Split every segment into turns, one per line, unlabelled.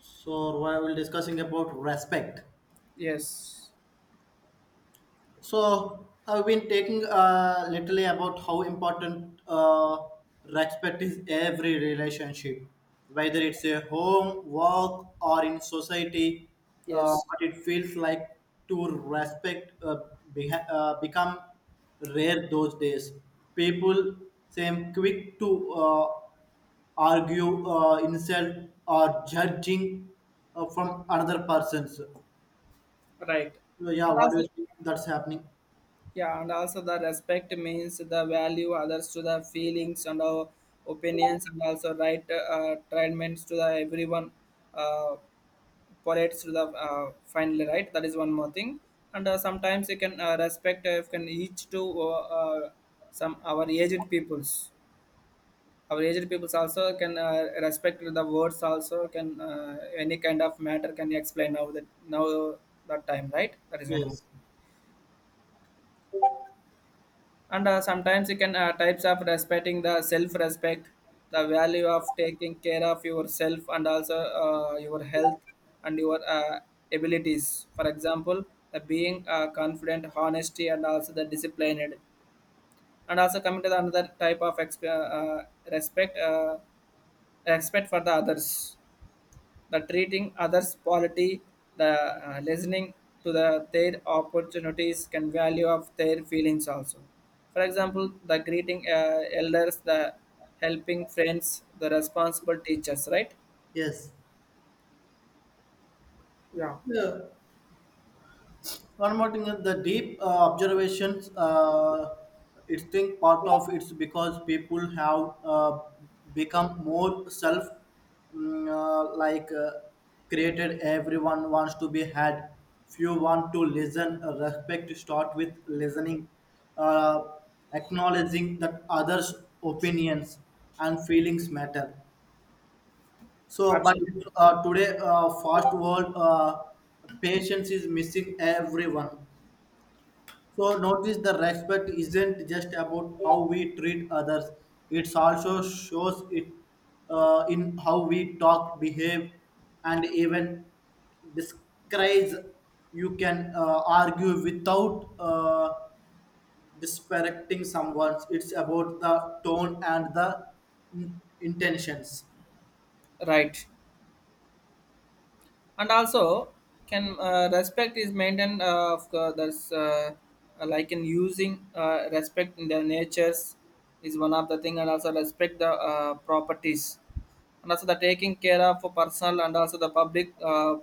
So we will discussing about respect.
Yes,
So I've been taking literally about how important respect is every relationship, whether it's a home, work, or in society.
yes,
What it feels like to respect become rare those days. People seem quick to argue, insult, or judging from another person's.
right.
So,
And
what do
also,
you think that's happening?
yeah, and also the respect means the value others to the feelings and our opinions, and also right treatments to the everyone, uh, polites to the finally right. That is one more thing. And sometimes you can respect you can each to some our aged peoples. Our aged people also can respect the words also can any kind of matter can explain now that now that time right that is one more
Yes,
and sometimes you can types of respecting the self respect the value of taking care of yourself and also your health and your abilities for example the being confident honesty and also the disciplined and also coming to the another type of respect respect for the others the treating others' quality, the listening to the, their opportunities can value of their feelings also. For example, the greeting elders, the helping friends, the responsible teachers, right?
yes.
Yeah,
Yeah. One more thing is the deep observations. It's think part of it's because people have become more self, mm, uh, like uh, created. Everyone wants to be had. Few want to listen. Respect start with listening, uh, acknowledging that others' opinions and feelings matter. So, but
absolutely.
uh, today, fast world, patience is missing everyone. So, notice the respect isn't just about how we treat others. It also shows it in how we talk, behave, and even disguise. You can argue without disparaging someone. It's about the tone and the intentions.
Right. And also, can respect is maintained of the, that's like in using respect in their natures is one of the thing, and also respect the properties and also the taking care of personal and also the public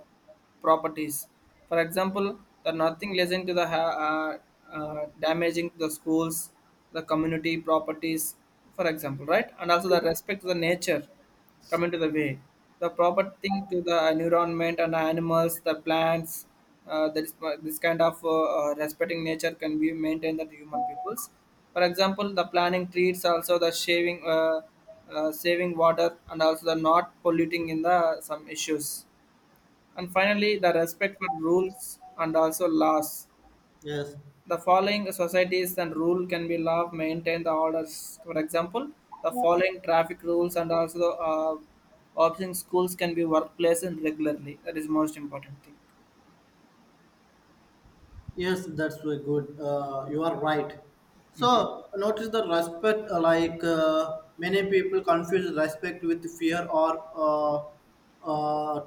properties. For example, the nothing leading to the damaging to the schools, the community properties, for example, right? And also the respect to the nature coming to the way the proper thing to the environment and animals the plants there is this kind of respecting nature can be maintained that human peoples for example the planting trees also the shaving saving water and also the not polluting in the some issues and finally the respect for rules and also laws
Yes.
the following societies and rule can be law maintain the orders. For example, the following traffic rules and also option schools can be workplace and regularly. That is most important thing.
Yes, that's very good. You are right. So notice the respect. Like many people confuse respect with fear, or uh,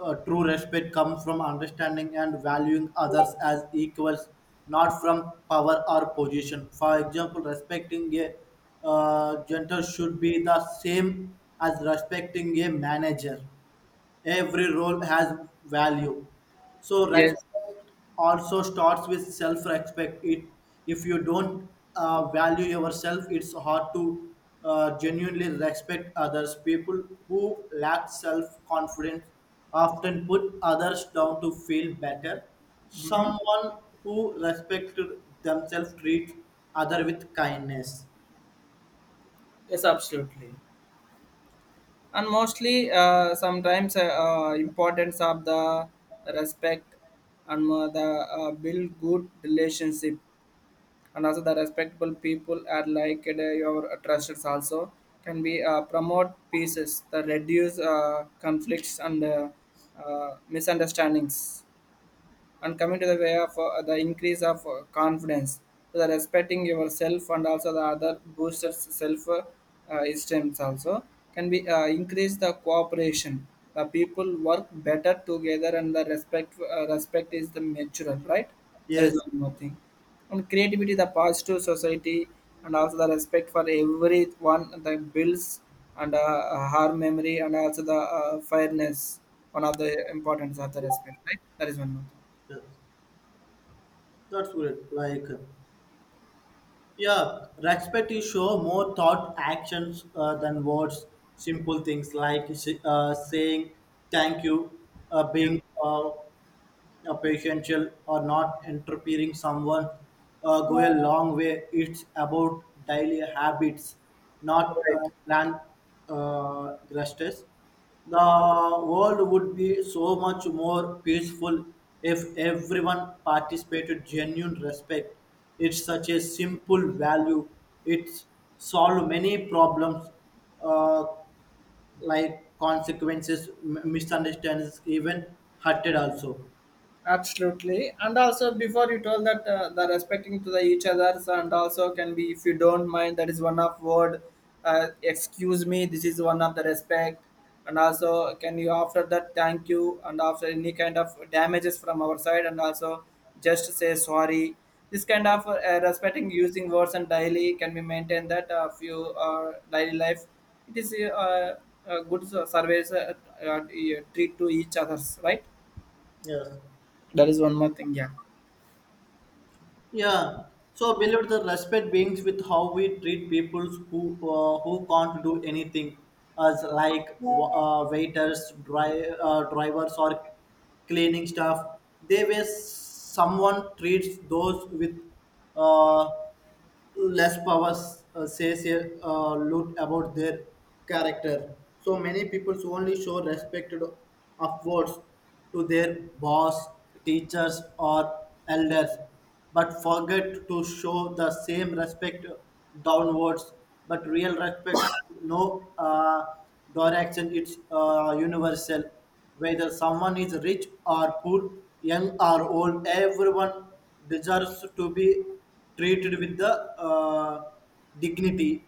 true respect comes from understanding and valuing others as equals, not from power or position. For example, respecting a janitor should be the same as respecting a manager. Every role has value, so
Yes.
respect also starts with self respect. It if you don't value yourself, it's hard to genuinely respect others. People who lack self confidence often put others down to feel better.
Mm-hmm.
Someone who respects themselves treats other with kindness.
Yes, absolutely. And mostly, sometimes importance of the respect and the build good relationship and also the respectable people are like your trusted, also can be promote pieces the reduce conflicts and misunderstandings and coming to the way of the increase of confidence so the respecting yourself and also the other boosters self esteem also can be increase the cooperation the people work better together and the respect is the mutual right that is
Yes,
one more thing and creativity the positive society and also the respect for everyone the builds and harm memory and also the fairness one of the importance of the respect right that is one more thing.
yes, that's what it like. Yeah, respect is show more thought actions than words. Simple things like saying thank you,
Yeah,
being potential or not interfering someone go a long way. It's about daily habits, not
right.
grand gestures. The world would be so much more peaceful if everyone participated genuine respect. It's such a simple value. It's solve many problems, uh, like consequences, misunderstandings, even hurted also.
Absolutely. And also, before you told that the respecting to the each others and also can be, if you don't mind, that is one of word. Excuse me. This is one of the respect. And also, can you after that thank you and after any kind of damages from our side and also just say sorry. This kind of respecting using words and daily can be maintained that few daily life. It is a good service uh, treat to each others, right?
Yes.
That is one more thing, yeah.
Yeah. So I believe the respect beings with how we treat people who who can't do anything, as like waiters, drivers, or cleaning staff. They way someone treats those with uh, less power says a lot about their character. So many people only show respect upwards to their boss, teachers, or elders, but forget to show the same respect downwards. But real respect has no direction, it's universal. Whether someone is rich or poor, young or old, everyone deserves to be treated with the uh, dignity.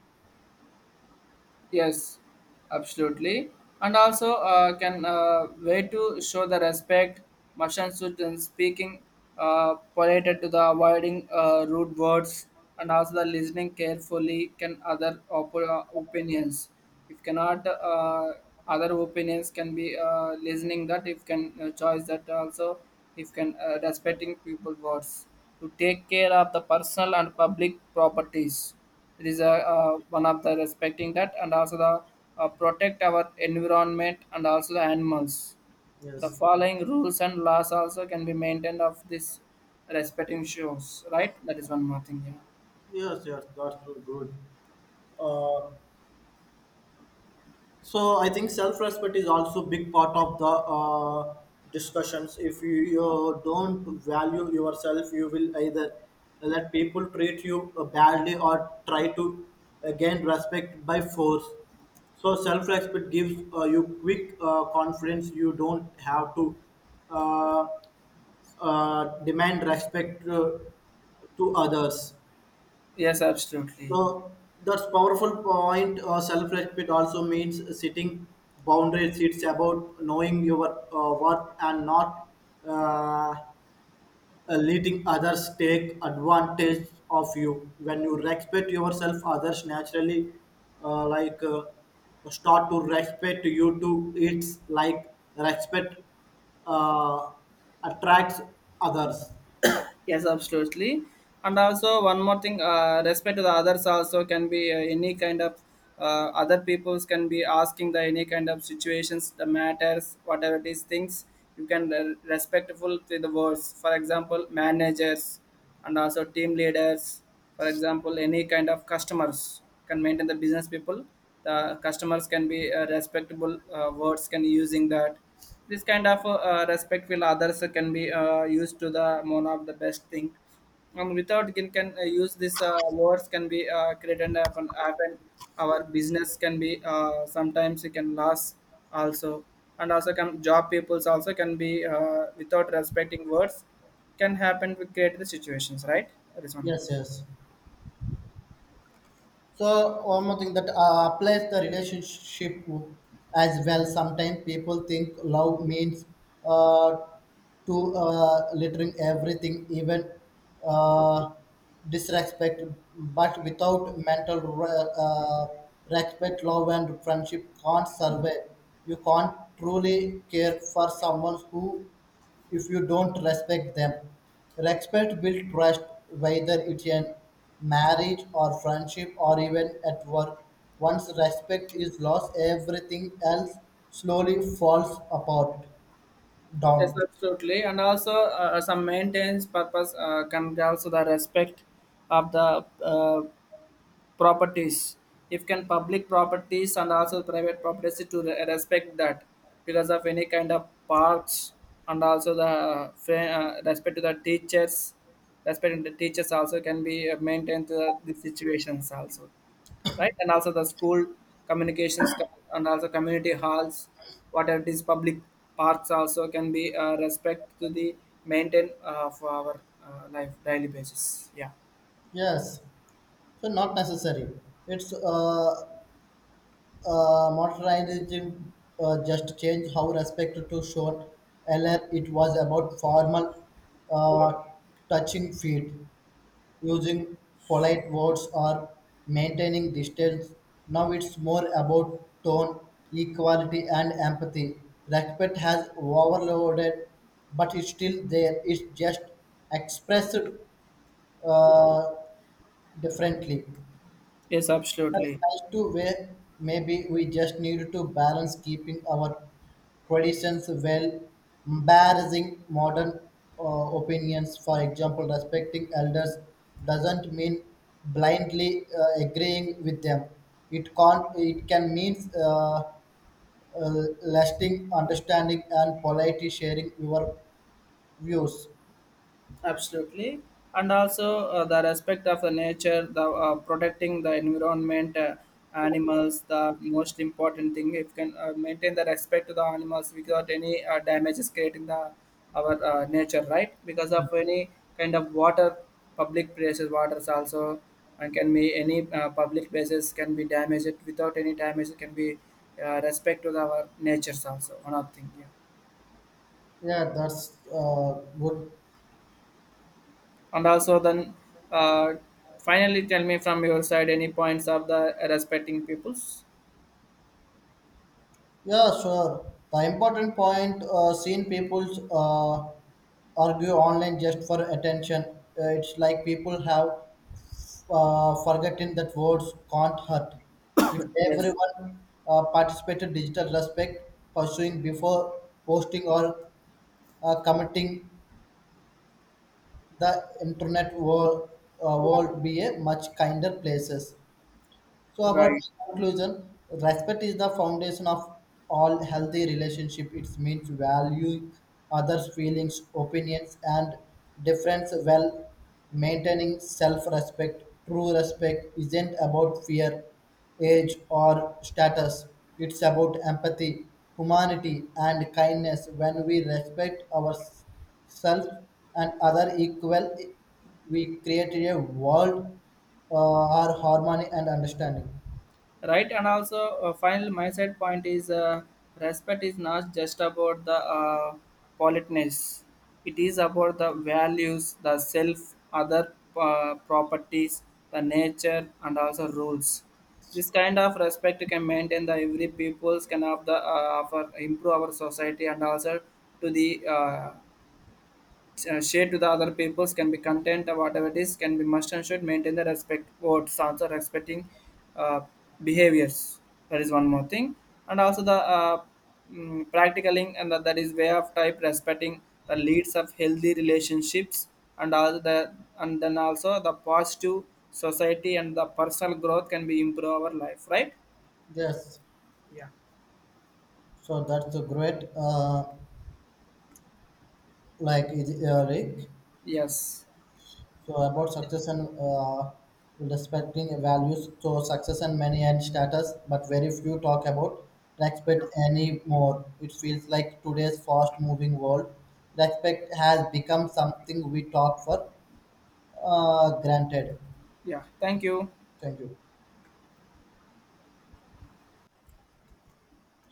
Yes, absolutely. And also can way to show the respect, motion suit and speaking polite to the avoiding rude words and also the listening carefully can other opinions. If cannot other opinions can be listening that if can choice that also if can respecting people words to take care of the personal and public properties it is one of the respecting that and also the protect our environment and also the animals the
Yes,
following rules and laws also can be maintained of this respecting shows right that is one more thing yeah.
yes, yes, that's so good. uh, so I think self-respect is also big part of the discussions. If you don't value yourself, you will either let people treat you badly or try to gain respect by force. So self-respect gives you quick confidence. You don't have to uh, demand respect to others.
Yes, absolutely.
So that's powerful point. Self-respect also means setting boundaries. It's about knowing your worth and not uh, letting others take advantage of you. When you respect yourself, others naturally uh, like uh, start to respect you too. It's like respect uh, attracts others.
Yes, absolutely. And also one more thing, respect to the others also can be any kind of other peoples can be asking the any kind of situations, the matters, whatever it is, things you can respectful to the words. For example, managers and also team leaders. For example, any kind of customers can maintain the business people. The customers can be respectable words can using that this kind of respect will others can be used to the one of the best thing and without can use this words can be created happen, happen our business can be sometimes it can last also and also can job peoples also can be without respecting words can happen to create the situations right that is one
Yes, yes. So one more thing that applies the relationship as well. Sometimes people think love means uh, to littering everything, even uh, disrespect. But without mental respect, love and friendship can't survive. You can't truly care for someone who, if you don't respect them. Respect builds trust, whether it's an marriage or friendship or even at work. Once respect is lost, everything else slowly falls apart,
yes
down.
absolutely and also some maintenance purpose can be also the respect of the properties if can public properties and also private properties to respect that because of any kind of parks and also the respect to the teachers respecting the teachers also can be maintained to the situations also right and also the school communications and also community halls whatever it is public parks also can be respect to the maintain for our life daily basis yeah
Yes, so not necessary. It's modernizing just change how respect to shown. Earlier, it was about formal uh, touching feet, using polite words or maintaining distance. Now it's more about tone, equality, and empathy. Respect has overloaded, but it's still there. It's just expressed uh, differently.
yes
That's
absolutely.
nice too, where maybe we just need to balance keeping our traditions well, embarrassing modern opinions. For example, respecting elders doesn't mean blindly agreeing with them. It can mean lasting understanding and politely sharing your views.
Absolutely. And also the respect of the nature, the protecting the environment, animals, the most important thing. If can maintain the respect to the animals without any damages creating the our nature, right? Because of any kind of water, public places, waters also, and can be any public places can be damaged without any damage. It can be respect to the, our natures also. One of thing. Yeah.
Yeah, that's good.
And also, then uh, finally, tell me from your side any points of the respecting peoples.
Yeah, sure. The important point seen people uh, argue online just for attention. It's like people have forgotten that words can't hurt. If
Yes,
everyone participated digital respect, pursuing before posting or commenting, the internet world, world be a much kinder places. So about
right,
conclusion, respect is the foundation of all healthy relationship. It means valuing others' feelings, opinions, and difference while maintaining self-respect. True respect isn't about fear, age, or status. It's about empathy, humanity, and kindness. When we respect ourselves and other equal, we create a world uh, or harmony and understanding.
right. And also, final my side point is respect is not just about the politeness. It is about the values, the self, other properties, the nature, and also rules. This kind of respect can maintain the every peoples can have the offer improve our society and also to the share to the other peoples can be content or whatever it is can be must and should maintain the respect towards also respecting uh, behaviors that is one more thing and also the practicaling and that is way of type respecting the leads of healthy relationships and also the and then also the positive society and the personal growth can be improve our life right.
Yes,
Yeah.
so that's a great, Rick.
Yes.
So about success and respecting values. So success and money and status, but very few talk about respect
Yeah.
anymore. It feels like today's fast-moving world, respect has become something we talk for granted.
Yeah, thank you.
Thank you.